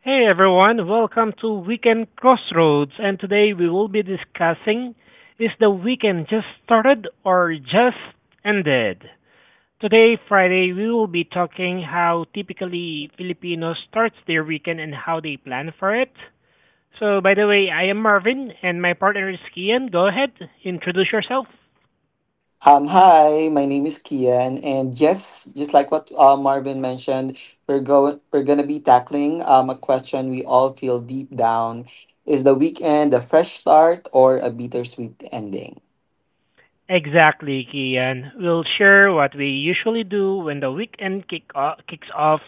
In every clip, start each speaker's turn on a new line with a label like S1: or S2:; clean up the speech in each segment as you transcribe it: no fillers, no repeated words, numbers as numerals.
S1: Hey everyone, welcome to Weekend Crossroads, and today we will be discussing is the weekend just started or just ended? Today, Friday, we will be talking how typically Filipinos starts their weekend and how they plan for it. So, by the way, I am Marvin and my partner is Kian. Go ahead, introduce yourself.
S2: Hi, my name is Kian, and yes, just like what Marvin mentioned, we're gonna be tackling a question we all feel deep down: is the weekend a fresh start or a bittersweet ending?
S1: Exactly, Kian. We'll share what we usually do when the weekend kicks off,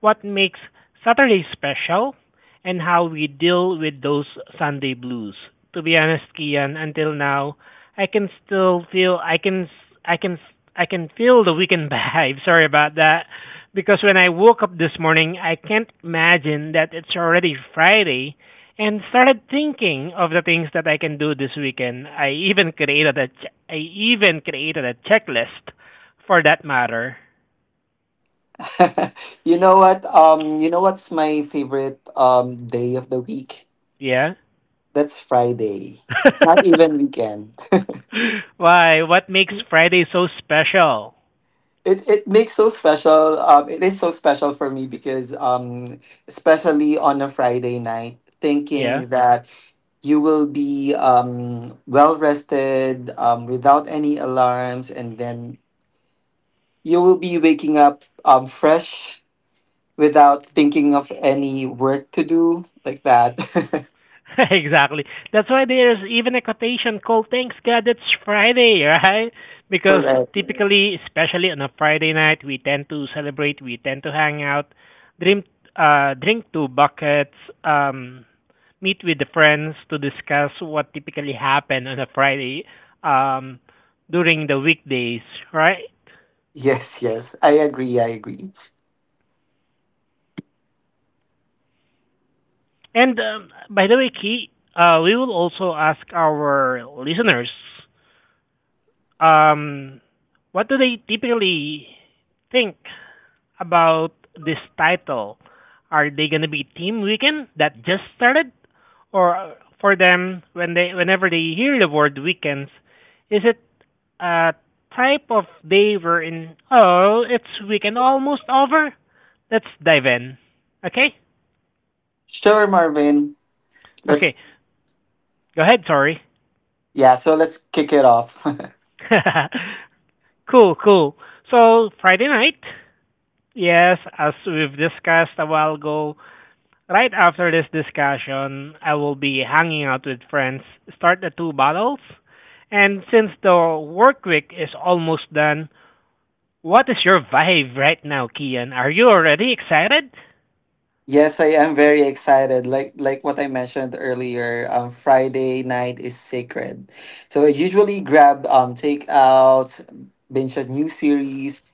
S1: what makes Saturday special, and how we deal with those Sunday blues. To be honest, Kian, until now, I can still feel, I can feel the weekend vibe. Sorry about that. Because when I woke up this morning, I can't imagine that it's already Friday and started thinking of the things that I can do this weekend. I even created a checklist for that matter.
S2: You know what? You know what's my favorite day of the week?
S1: Yeah.
S2: That's Friday. It's not even weekend.
S1: Why? What makes Friday so special?
S2: It makes so special. It is so special for me because especially on a Friday night,
S1: Yeah.
S2: thinking that you will be well rested without any alarms, and then you will be waking up fresh without thinking of any work to do like that.
S1: Exactly. That's why there's even a quotation called "Thanks God It's Friday," right? Because
S2: Correct.
S1: typically, especially on a Friday night, we tend to celebrate, we tend to hang out, drink, drink two buckets, um, meet with the friends to discuss what typically happened on a Friday, um, during the weekdays, right?
S2: Yes, yes. I agree. I agree.
S1: And, by the way, Key, we will also ask our listeners. Um, what do they typically think about this title? Are they gonna be Team Weekend that just started, or for them whenever they hear the word weekends, is it a type of day we in? Oh, it's weekend almost over. Let's dive in. Okay,
S2: Sure, Marvin.
S1: okay.
S2: Let's,
S1: Go ahead. Sorry.
S2: yeah, so let's kick it off.
S1: Cool, cool. So Friday night. Yes, as we've discussed a while ago, right after this discussion, I will be hanging out with friends, start the two bottles, and since the work week is almost done, what is your vibe right now, Kian? Are you already excited?
S2: Yes, I am very excited. Like what I mentioned earlier, Friday night is sacred. So I usually grab takeout, binge a new series,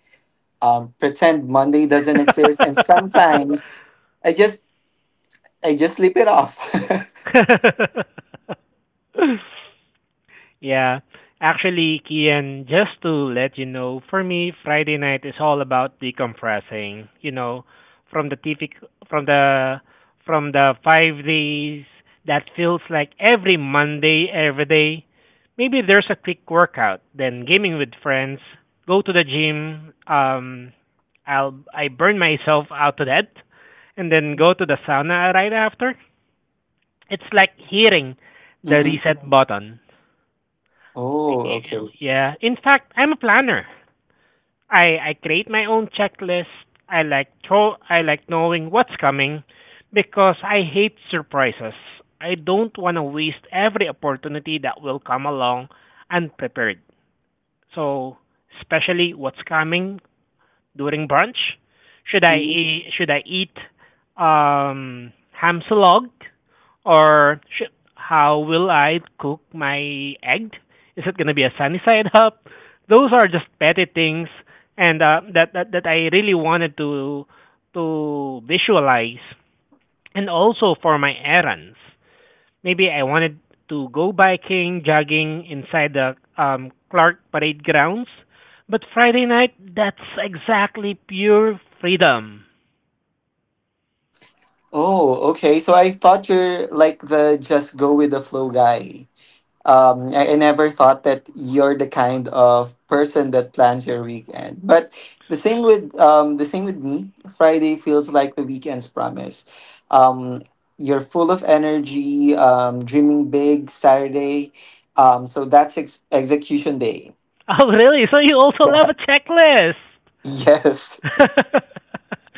S2: pretend Monday doesn't exist, and sometimes I just I just sleep it off.
S1: Yeah. Actually, Kian, just to let you know, for me, Friday night is all about decompressing, you know, from the typical from the from the 5 days that feels like every Monday every day. Maybe there's a quick workout, then gaming with friends, go to the gym, I burn myself out to death and then go to the sauna right after. It's like hitting the
S2: Mm-hmm.
S1: reset button.
S2: Oh,
S1: You know,
S2: okay.
S1: yeah. In fact, I'm a planner. I create my own checklist. I like knowing what's coming because I hate surprises. I don't want to waste every opportunity that will come along unprepared. So, especially what's coming during brunch? Should I
S2: Mm-hmm.
S1: should I eat ham slog, or should, how will I cook my egg? Is it gonna be a sunny side up? Those are just petty things, and that, that that I really wanted to visualize, and also for my errands. Maybe I wanted to go biking, jogging inside the Clark Parade grounds. But Friday night, that's exactly pure freedom.
S2: Oh, okay. So I thought you're like the just go with the flow guy. I never thought that you're the kind of person that plans your weekend. But the same with me. Friday feels like the weekend's promise. Um, you're full of energy, dreaming big. Saturday, so that's execution day.
S1: Oh, really? So you also love a checklist?
S2: Yes.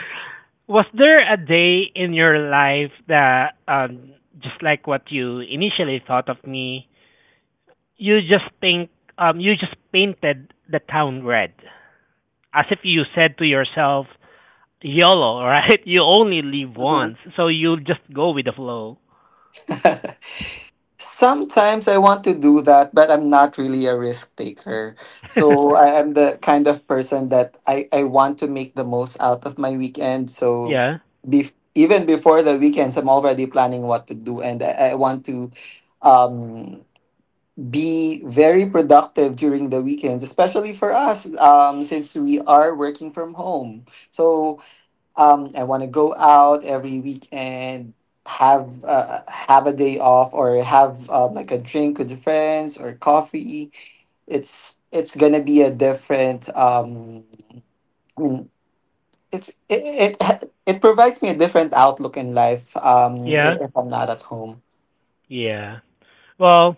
S1: Was there a day in your life that, just like what you initially thought of me, you just think, you just painted the town red, as if you said to yourself, YOLO, right? You only live
S2: Mhm.
S1: once, so you just go with the flow.
S2: Sometimes I want to do that, but I'm not really a risk taker. So I am the kind of person that I want to make the most out of my weekend. So
S1: Yeah,
S2: even before the weekends, I'm already planning what to do. And I want to um, be very productive during the weekends, especially for us since we are working from home. So I want to go out every weekend, have a day off, or have like a drink with friends or coffee. It's gonna be a different. I mean, it's it, it it provides me a different outlook in life.
S1: yeah,
S2: If I'm not at home.
S1: yeah. Well,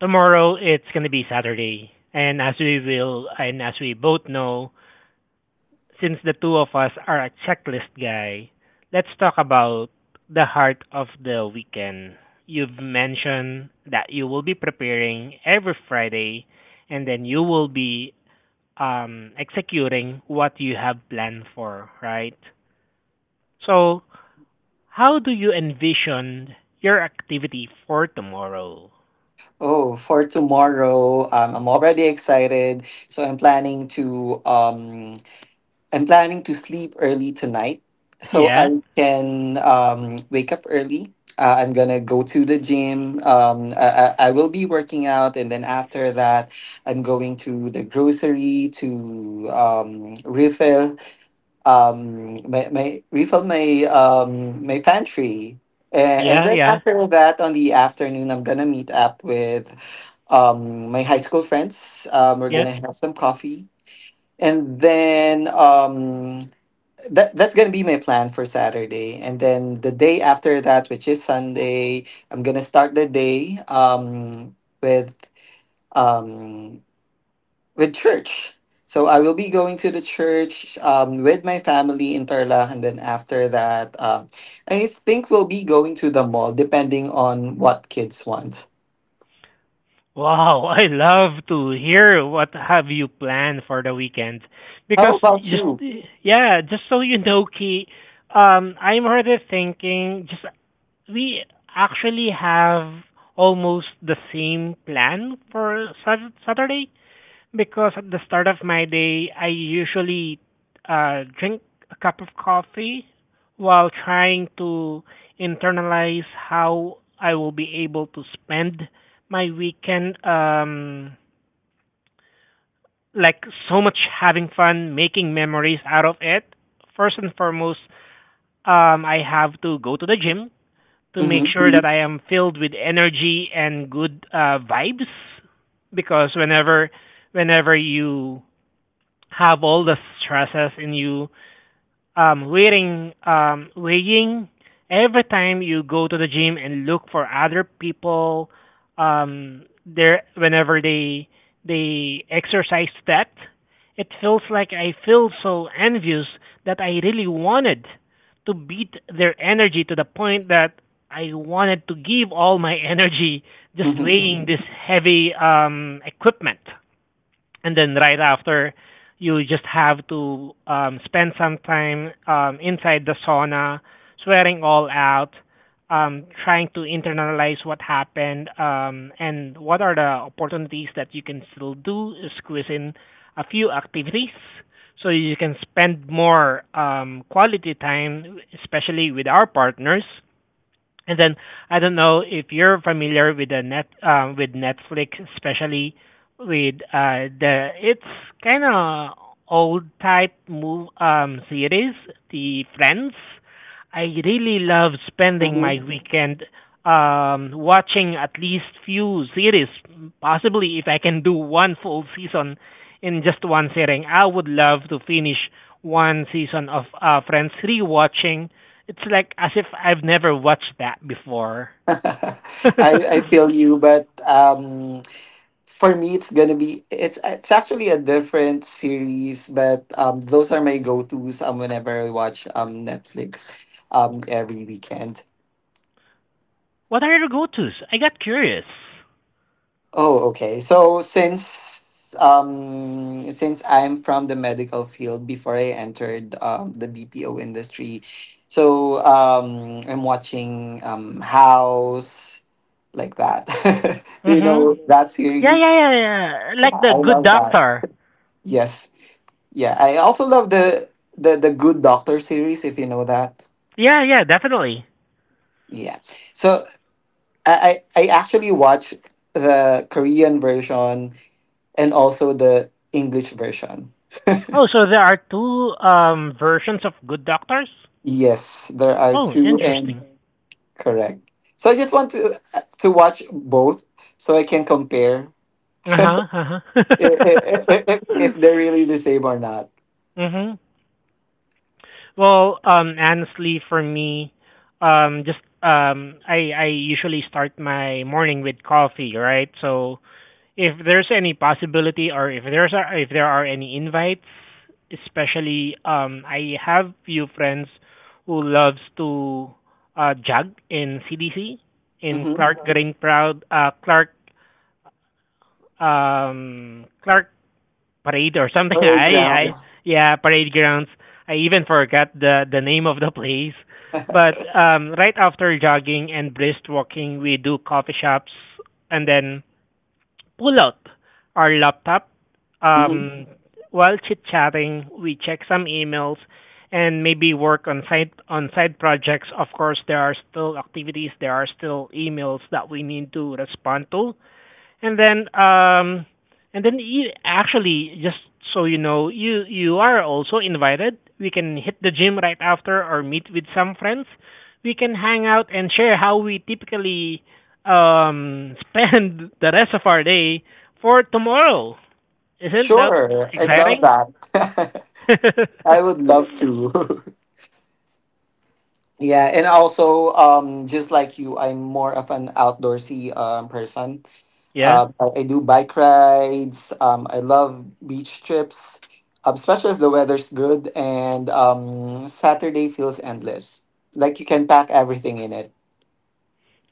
S1: tomorrow it's gonna be Saturday, and as we both know, since the two of us are a checklist guy, let's talk about the heart of the weekend. You've mentioned that you will be preparing every Friday, and then you will be executing what you have planned for, right? So, how do you envision your activity for tomorrow?
S2: Oh, for tomorrow, I'm already excited. So I'm planning to sleep early tonight so I
S1: Yeah,
S2: can wake up early. I'm gonna go to the gym. I will be working out, and then after that, I'm going to the grocery to refill my pantry. A- And
S1: yeah,
S2: then
S1: yeah,
S2: after that, on the afternoon, I'm gonna meet up with my high school friends. We're
S1: yeah.
S2: gonna have some coffee, and then that's gonna be my plan for Saturday, and then the day after that, which is Sunday, I'm gonna start the day with um with church. So I will be going to the church with my family in Tarlac, and then after that, I think we'll be going to the mall, depending on what kids want.
S1: Wow, I love to hear what have you planned for the weekend.
S2: How
S1: Because,
S2: about
S1: just
S2: you?
S1: yeah, just so you know, Key, I'm already thinking. Just we actually have almost the same plan for Saturday. Because at the start of my day, I usually drink a cup of coffee while trying to internalize how I will be able to spend my weekend, like so much having fun, making memories out of it. First and foremost, I have to go to the gym to make
S2: Mm-hmm.
S1: sure that I am filled with energy and good vibes, because whenever you have all the stresses in you, weighing every time you go to the gym and look for other people there, whenever they exercise, that it feels like I feel so envious that I really wanted to beat their energy to the point that I wanted to give all my energy just
S2: Mm-hmm.
S1: weighing this heavy equipment. And then, right after, you just have to spend some time inside the sauna, sweating all out, trying to internalize what happened, and what are the opportunities that you can still do, squeeze in a few activities so you can spend more quality time, especially with our partners. And then I don't know if you're familiar with the net with Netflix, especially with the it's kind of old type move, series, the Friends. I really love spending
S2: Mm-hmm.
S1: my weekend watching at least few series. Possibly, if I can do one full season in just one sitting, I would love to finish one season of Friends, rewatching it's like as if I've never watched that before.
S2: I
S1: What
S2: I feel you, but. For me it's gonna be it's actually a different series, but those are my go-to's whenever I watch Netflix every weekend.
S1: are your go-tos? I got curious.
S2: Oh, okay. So since I'm from the medical field before I entered the BPO industry. So I'm watching House, like that. Do you
S1: Mhm.
S2: know that
S1: Yeah, yeah,
S2: series?
S1: yeah, yeah. Like
S2: Yeah,
S1: the
S2: I
S1: Good
S2: love that.
S1: Doctor.
S2: Yes. Yeah, I also love the Good Doctor series if you know that.
S1: Yeah, yeah, definitely.
S2: Yeah. So I actually watch the Korean version and also the English version.
S1: Oh, so there are two versions of Good Doctors?
S2: Yes, there are
S1: Oh,
S2: two, and
S1: interesting.
S2: correct. So I just want to to watch both so I can compare
S1: Uh-huh, uh-huh.
S2: if if, if they're really the same or not.
S1: Mhm. Well, honestly for me, just I usually start my morning with coffee, right? So if there's any possibility, or if there are any invites, especially I have few friends who loves to jog in CDC, in
S2: Mhm.
S1: clark green proud, clark, clark parade or something.
S2: Or
S1: I
S2: grounds.
S1: Yeah, parade grounds. I even forgot the name of the place, but
S2: Mhm.
S1: right after jogging and brisk walking we do coffee shops and then pull out our laptop. Um, while chit chatting, we check some emails and maybe work on side projects. Of course, there are still activities, there are still emails that we need to respond to. And then um and then actually, just so you know, you are also invited. We can hit the gym right after or meet with some friends. We can hang out and share how we typically spend the rest of our day for tomorrow. Isn't that
S2: Sure, I'd love
S1: exciting?
S2: that. I would love to. Yeah, and also, just like you, I'm more of an outdoorsy person.
S1: yeah.
S2: I do bike rides. I love beach trips, especially if the weather's good. And Saturday feels endless. Like you can pack everything in it.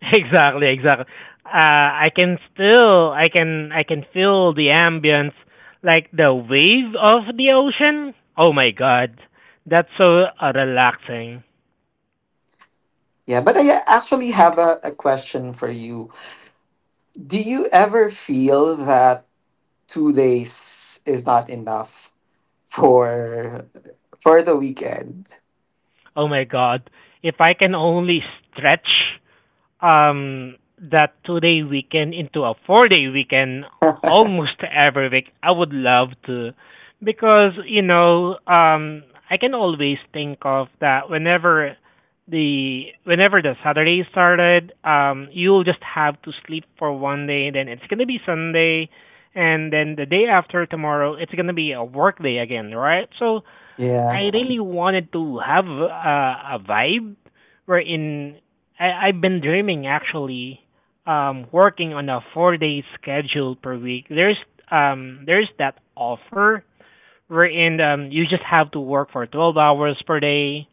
S1: Exactly, exactly. I can still, I can feel the ambience, like the wave of the ocean. Oh my god, that's so relaxing.
S2: Yeah, but I actually have a question for you. Do you ever feel that 2 days is not enough for for the weekend?
S1: Oh my god, if I can only stretch that 2 day weekend into a 4 day weekend almost every week. I would love to, because you know, I can always think of that whenever the Saturday started, you'll just have to sleep for one day, then it's gonna be Sunday, and then the day after tomorrow it's gonna be a work day again, right? So
S2: Yeah.
S1: I really wanted to have a vibe wherein I've been dreaming actually working on a 4 day schedule per week. There's that offer wherein you just have to work for 12 hours per day,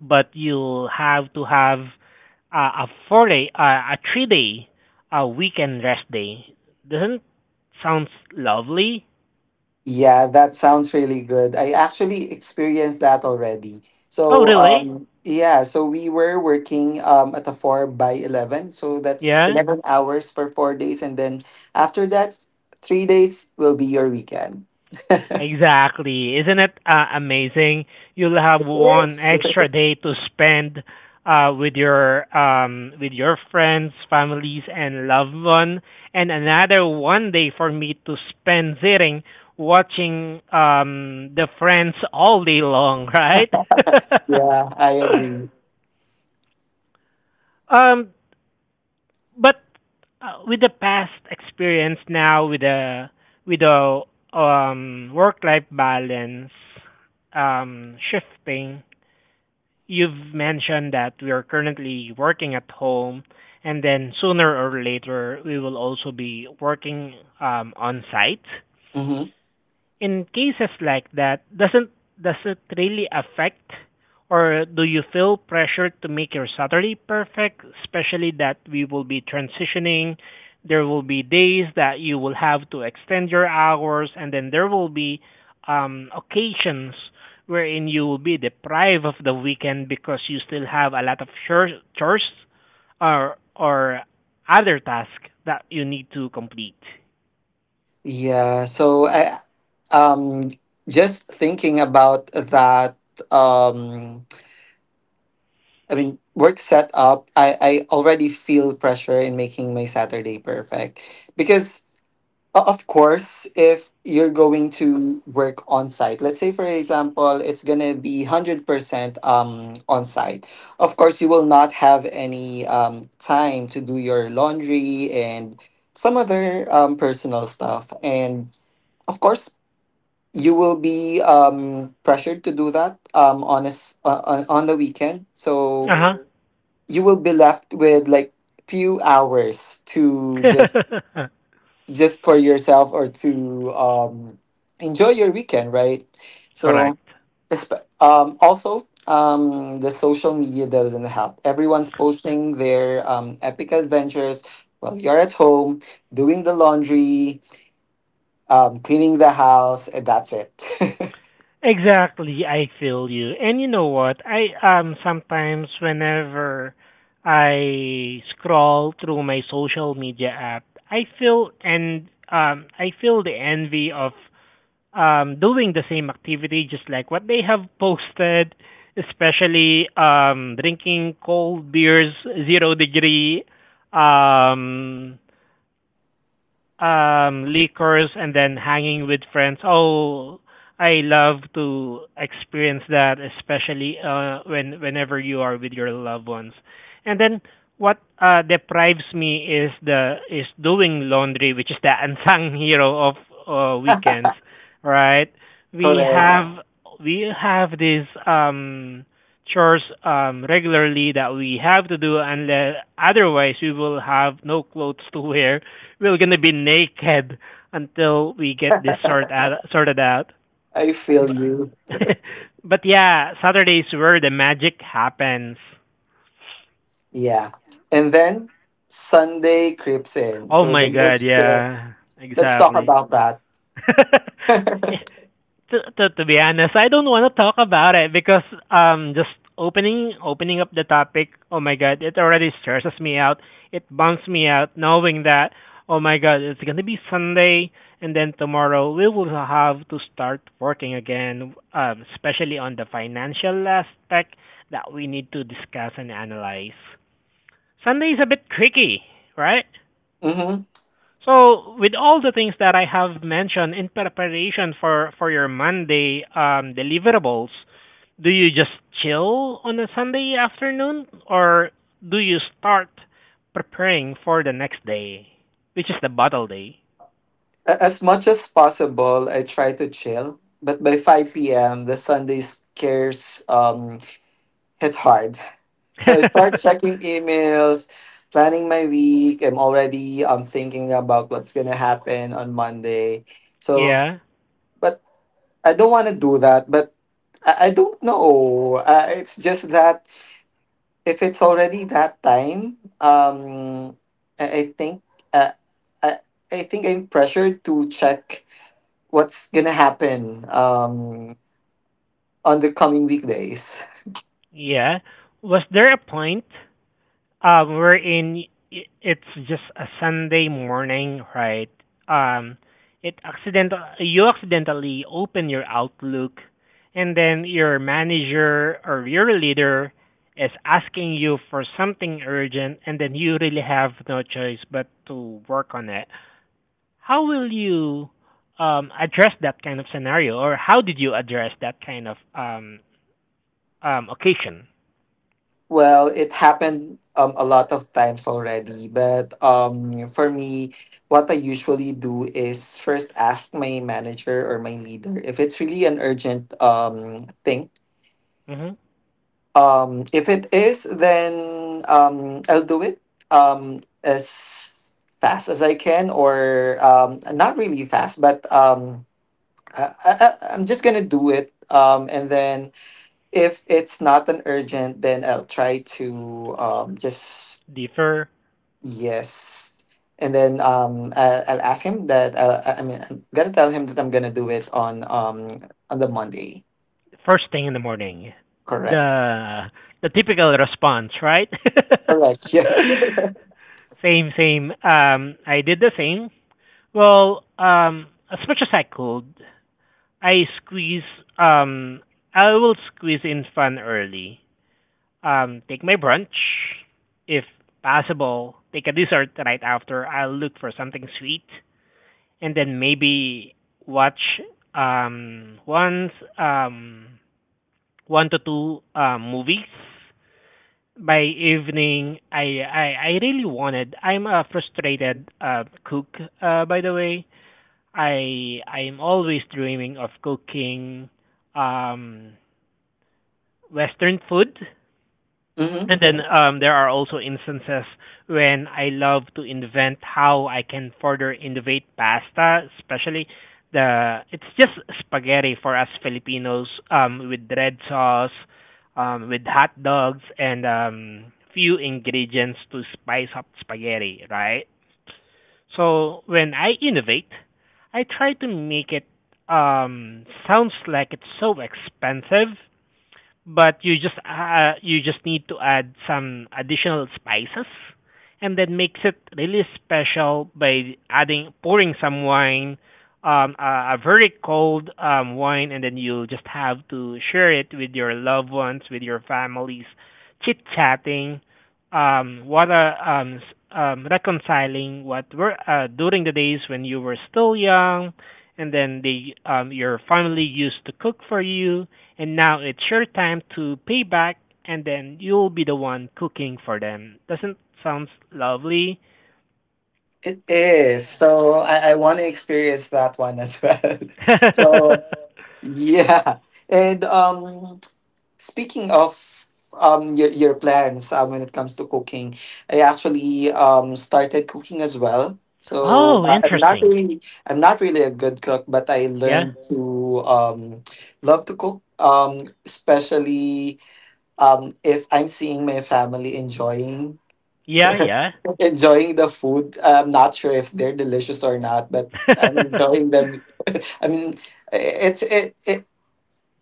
S1: but you'll have to have a 3 day, a weekend rest day. Doesn't sounds lovely?
S2: Yeah, that sounds really good. I actually experienced that already.
S1: Oh,
S2: So,
S1: really?
S2: yeah, so we were working at a 4 by 11. So that's
S1: Yeah.
S2: 11 hours for 4 days. And then after that, 3 days will be your weekend.
S1: Exactly. Isn't it amazing? You'll have one
S2: Yes.
S1: extra day to spend with your friends, families, and loved one, and another one day for me to spend sitting watching the Friends all day long, right?
S2: Yeah, I agree.
S1: um, but with the past experience now with the with the work life balance shifting. You've mentioned that we are currently working at home, and then sooner or later, we will also be working on site.
S2: Hmm.
S1: In cases like that, doesn't does it really affect, or do you feel pressure to make your Saturday perfect, especially that we will be transitioning? There will be days that you will have to extend your hours, and then there will be occasions wherein you will be deprived of the weekend because you still have a lot of chores or other tasks that you need to complete.
S2: Yeah, so I um, just thinking about that. Um, I mean, work set up, I already feel pressure in making my Saturday perfect. Because, of course, if you're going to work on site, let's say, for example, it's going to be 100% on site. Of course, you will not have any time to do your laundry and some other personal stuff. And, of course, you will be pressured to do that on, a, s- on the weekend. So,
S1: Uh
S2: you will be left with like few hours to just
S1: huh.
S2: just for yourself or to enjoy your weekend, right? So
S1: Correct.
S2: also the social media doesn't help. Everyone's posting their epic adventures while you're at home doing the laundry, cleaning the house, and that's it.
S1: Exactly, I feel you. And you know what? I Sometimes whenever I scroll through my social media app, I feel the envy of doing the same activity just like what they have posted, especially drinking cold beers, zero degree, um liquors, and then hanging with friends. Oh, I love to experience that, especially whenever you are with your loved ones. And then what deprives me is the is doing laundry, which is the unsung hero of weekends, right? We
S2: Correct.
S1: have we have these chores regularly that we have to do unless otherwise we will have no clothes to wear, we're gonna be naked until we get sorted out.
S2: I feel you.
S1: But yeah, Saturday's where the magic happens.
S2: Yeah, and then Sunday creeps in,
S1: Oh
S2: so
S1: my
S2: the mood.
S1: god, yeah,
S2: Let's talk
S1: exactly.
S2: about that.
S1: Yeah, to be honest, I don't want to talk about it because just opening up the topic, oh my god, it already stresses me out. It bums me out knowing that oh my god, it's going to be Sunday and then tomorrow we will have to start working again, especially on the financial aspect that we need to discuss and analyze. Sunday is a bit tricky, right?
S2: Hmm.
S1: So, with all the things that I have mentioned in preparation for your Monday deliverables, do you just chill on a Sunday afternoon, or do you start preparing for the next day, which is the bottle day?
S2: As much as possible, I try to chill, but by 5 p.m., the Sunday scares hit hard. So I start checking emails, planning my week. I'm already thinking about what's going to happen on Monday. So,
S1: Yeah,
S2: but I don't want to do that, but I don't know. It's just that if it's already that time, I, I think uh, I, I think I'm pressured to check what's gonna happen on the coming weekdays.
S1: yeah. Was there a point? We're in. It's just a Sunday morning, right? Um, it accidental. You accidentally open your Outlook, and then your manager or your leader is asking you for something urgent, and then you really have no choice but to work on it. How will you address that kind of scenario, or how did you address that kind of occasion?
S2: Well, it happened a lot of times already, but for me, what I usually do is first ask my manager or my leader if it's really an urgent thing.
S1: Mm-hmm.
S2: If it is, then I'll do it as fast as I can, or not really fast, but I'm just gonna do it. And then if it's not an urgent, then I'll try to just, yes. And then I'll ask him that. I mean, I'm gonna tell him that I'm gonna do it on the Monday.
S1: First thing in the morning.
S2: Correct.
S1: The the typical response, right?
S2: Correct. Yes.
S1: Same, same. I did the same. Well, as much as I could, I squeeze. Um, I will squeeze in fun early. Take my brunch, if possible. Take a dessert right after. I'll look for something sweet, and then maybe watch once one to two movies by evening. I really wanted. I'm a frustrated cook, by the way. I'm always dreaming of cooking um, Western food,
S2: Mhm.
S1: and then there are also instances when I love to invent how I can further innovate pasta, especially the it's just spaghetti for us Filipinos with red sauce, with hot dogs and few ingredients to spice up spaghetti, right? So when I innovate, I try to make it sounds like it's so expensive, but you just need to add some additional spices and then makes it really special by adding pouring some wine, a very cold wine, and then you'll just have to share it with your loved ones, with your families, chit chatting, um, what a um, s- reconciling what were during the days when you were still young and then the your family used to cook for you, and now it's your time to pay back, and then you'll be the one cooking for them. Doesn't sounds lovely?
S2: It is. So I want to experience that one as well. So yeah. And speaking of your plans when it comes to cooking, I actually started cooking as well. So
S1: Oh,
S2: I'm not
S1: interesting.
S2: really I'm not really a good cook, but I
S1: Yeah,
S2: learned to love to cook. Especially if I'm seeing my family enjoying
S1: yeah, yeah.
S2: enjoying the food. I'm not sure if they're delicious or not, but I'm enjoying them. I mean, it's it, it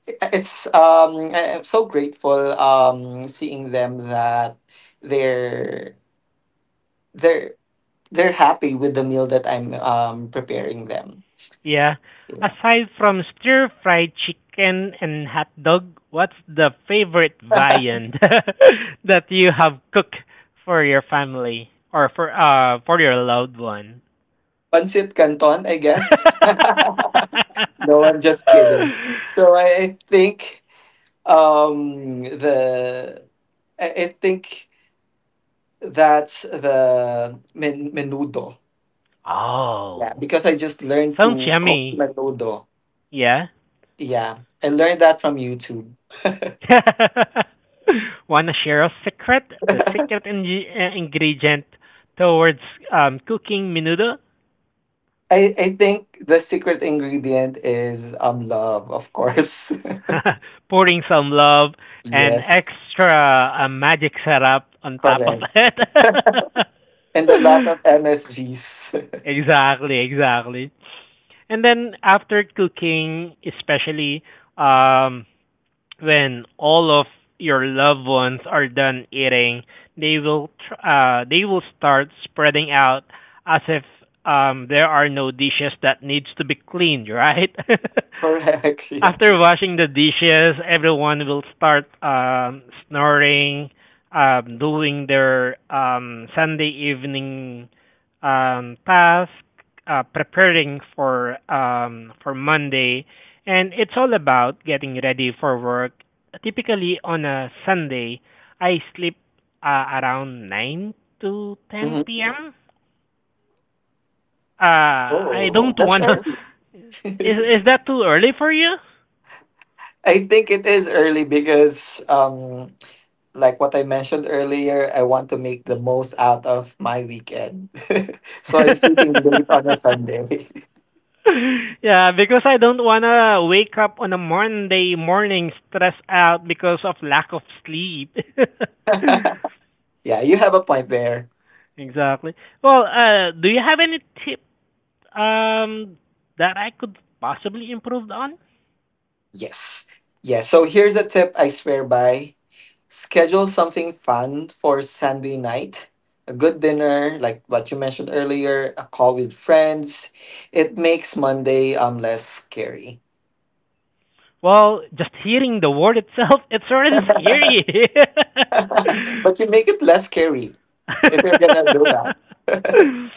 S2: it's I- I'm so grateful seeing them that they're they're they're happy with the meal that I'm preparing them.
S1: Yeah.
S2: Yeah.
S1: Aside from stir fried chicken and hot dog, what's the favorite viand that you have cooked for your family or for your loved one?
S2: Pancit Canton, I guess. No, I'm just kidding. So um the I think that's the menudo. Yeah,
S1: Oh,
S2: because I just learned
S1: sounds
S2: to cook
S1: yummy.
S2: menudo.
S1: Yeah.
S2: Yeah, I learned that from YouTube.
S1: Wanna share a secret? The ingredient towards cooking menudo?
S2: I think the secret ingredient is love, of course.
S1: Pouring some love and
S2: Yes,
S1: extra magic syrup on top of
S2: correct.
S1: it.
S2: And a lot of MSGs.
S1: Exactly, exactly. And then after cooking, especially um, when all of your loved ones are done eating, they will start spreading out as if there are no dishes that needs to be cleaned, right?
S2: Correct, yeah.
S1: After washing the dishes, everyone will start snoring, doing their Sunday evening task, preparing for Monday, and it's all about getting ready for work. Typically on a Sunday, I sleep around 9 to
S2: Mhm.
S1: 10 p.m. I
S2: Oh,
S1: don't
S2: that's
S1: wanna.
S2: early.
S1: Is is that too early for you?
S2: I think it is early because like what I mentioned earlier, I want to make the most out of my weekend. So I'm sleeping late on a Sunday.
S1: Yeah, because I don't wanna wake up on a Monday morning stressed out because of lack of sleep.
S2: Yeah, you have a point there.
S1: Exactly. Well, do you have any tips? Um, that I could possibly improve on?
S2: Yes. Yeah, so here's a tip I swear by. Schedule something fun for Sunday night. A good dinner, like what you mentioned earlier, a call with friends. It makes Monday less scary.
S1: Well, just hearing the word itself, it's already scary.
S2: But you make it less scary if you're gonna do that.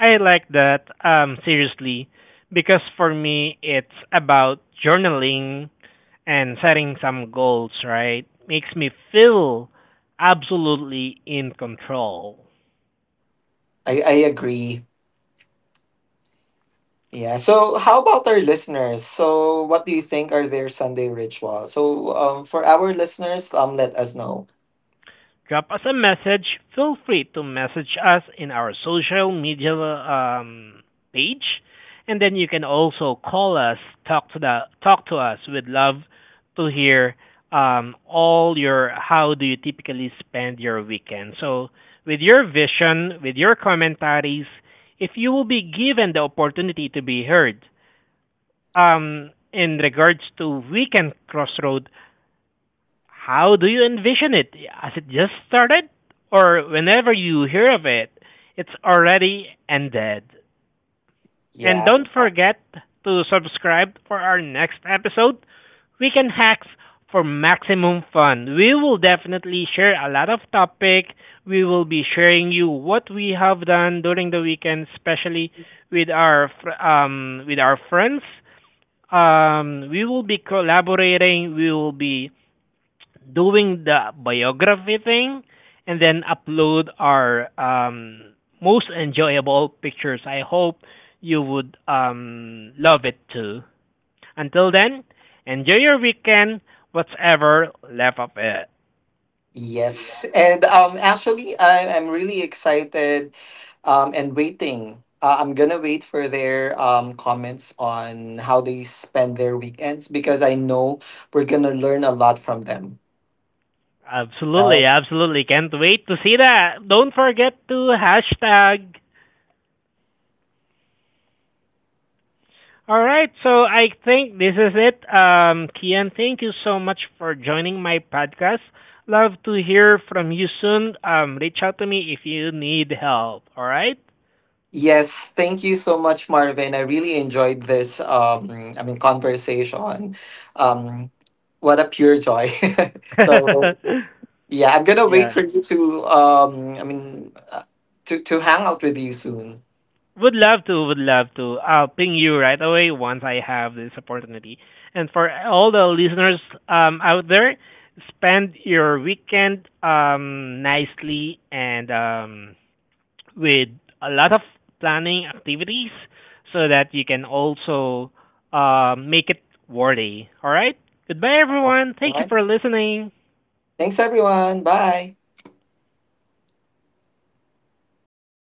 S1: I like that, seriously, because for me, it's about journaling and setting some goals, right? Makes me feel absolutely in control.
S2: I agree. Yeah. So how about our listeners? So what do you think are their Sunday rituals? So for our listeners, let us know.
S1: Drop us a message. Feel free to message us in our social media page, and then you can also call us, talk to the talk to us. We'd love to hear all your how do you typically spend your weekend. So with your vision, with your commentaries, if you will be given the opportunity to be heard in regards to weekend crossroad, how do you envision it? Has it just started? Or whenever you hear of it, it's already ended. And
S2: Yeah.
S1: don't forget to subscribe for our next episode, Weekend Hacks, for maximum fun. We will definitely share a lot of topic. We will be sharing you what we have done during the weekend, especially with our with our friends. We will be collaborating. We will be doing the biography thing and then upload our most enjoyable pictures. I hope you would love it too. Until then, enjoy your weekend, whatever left of it.
S2: Yes, and actually, I'm really excited, and waiting. I'm gonna wait for their comments on how they spend their weekends because I know we're gonna learn a lot from them.
S1: Absolutely,
S2: Right.
S1: absolutely. Can't wait to see that. Don't forget to hashtag. All right, so I think this is it. Kian, thank you so much for joining my podcast. Love to hear from you soon. Reach out to me if you need help. All right?
S2: Yes, thank you so much, Marvin. I really enjoyed this, I mean, conversation. Um, what a pure joy. So yeah, I'm gonna wait
S1: Yeah.
S2: for you to to hang out with you soon.
S1: Would love to, would love to. I'll ping you right away once I have this opportunity. And for all the listeners out there, spend your weekend nicely and with a lot of planning activities so that you can also make it worthy. All right? Goodbye,
S2: All
S1: everyone. Thank you
S2: right.
S1: for listening.
S2: Thanks, everyone. Bye.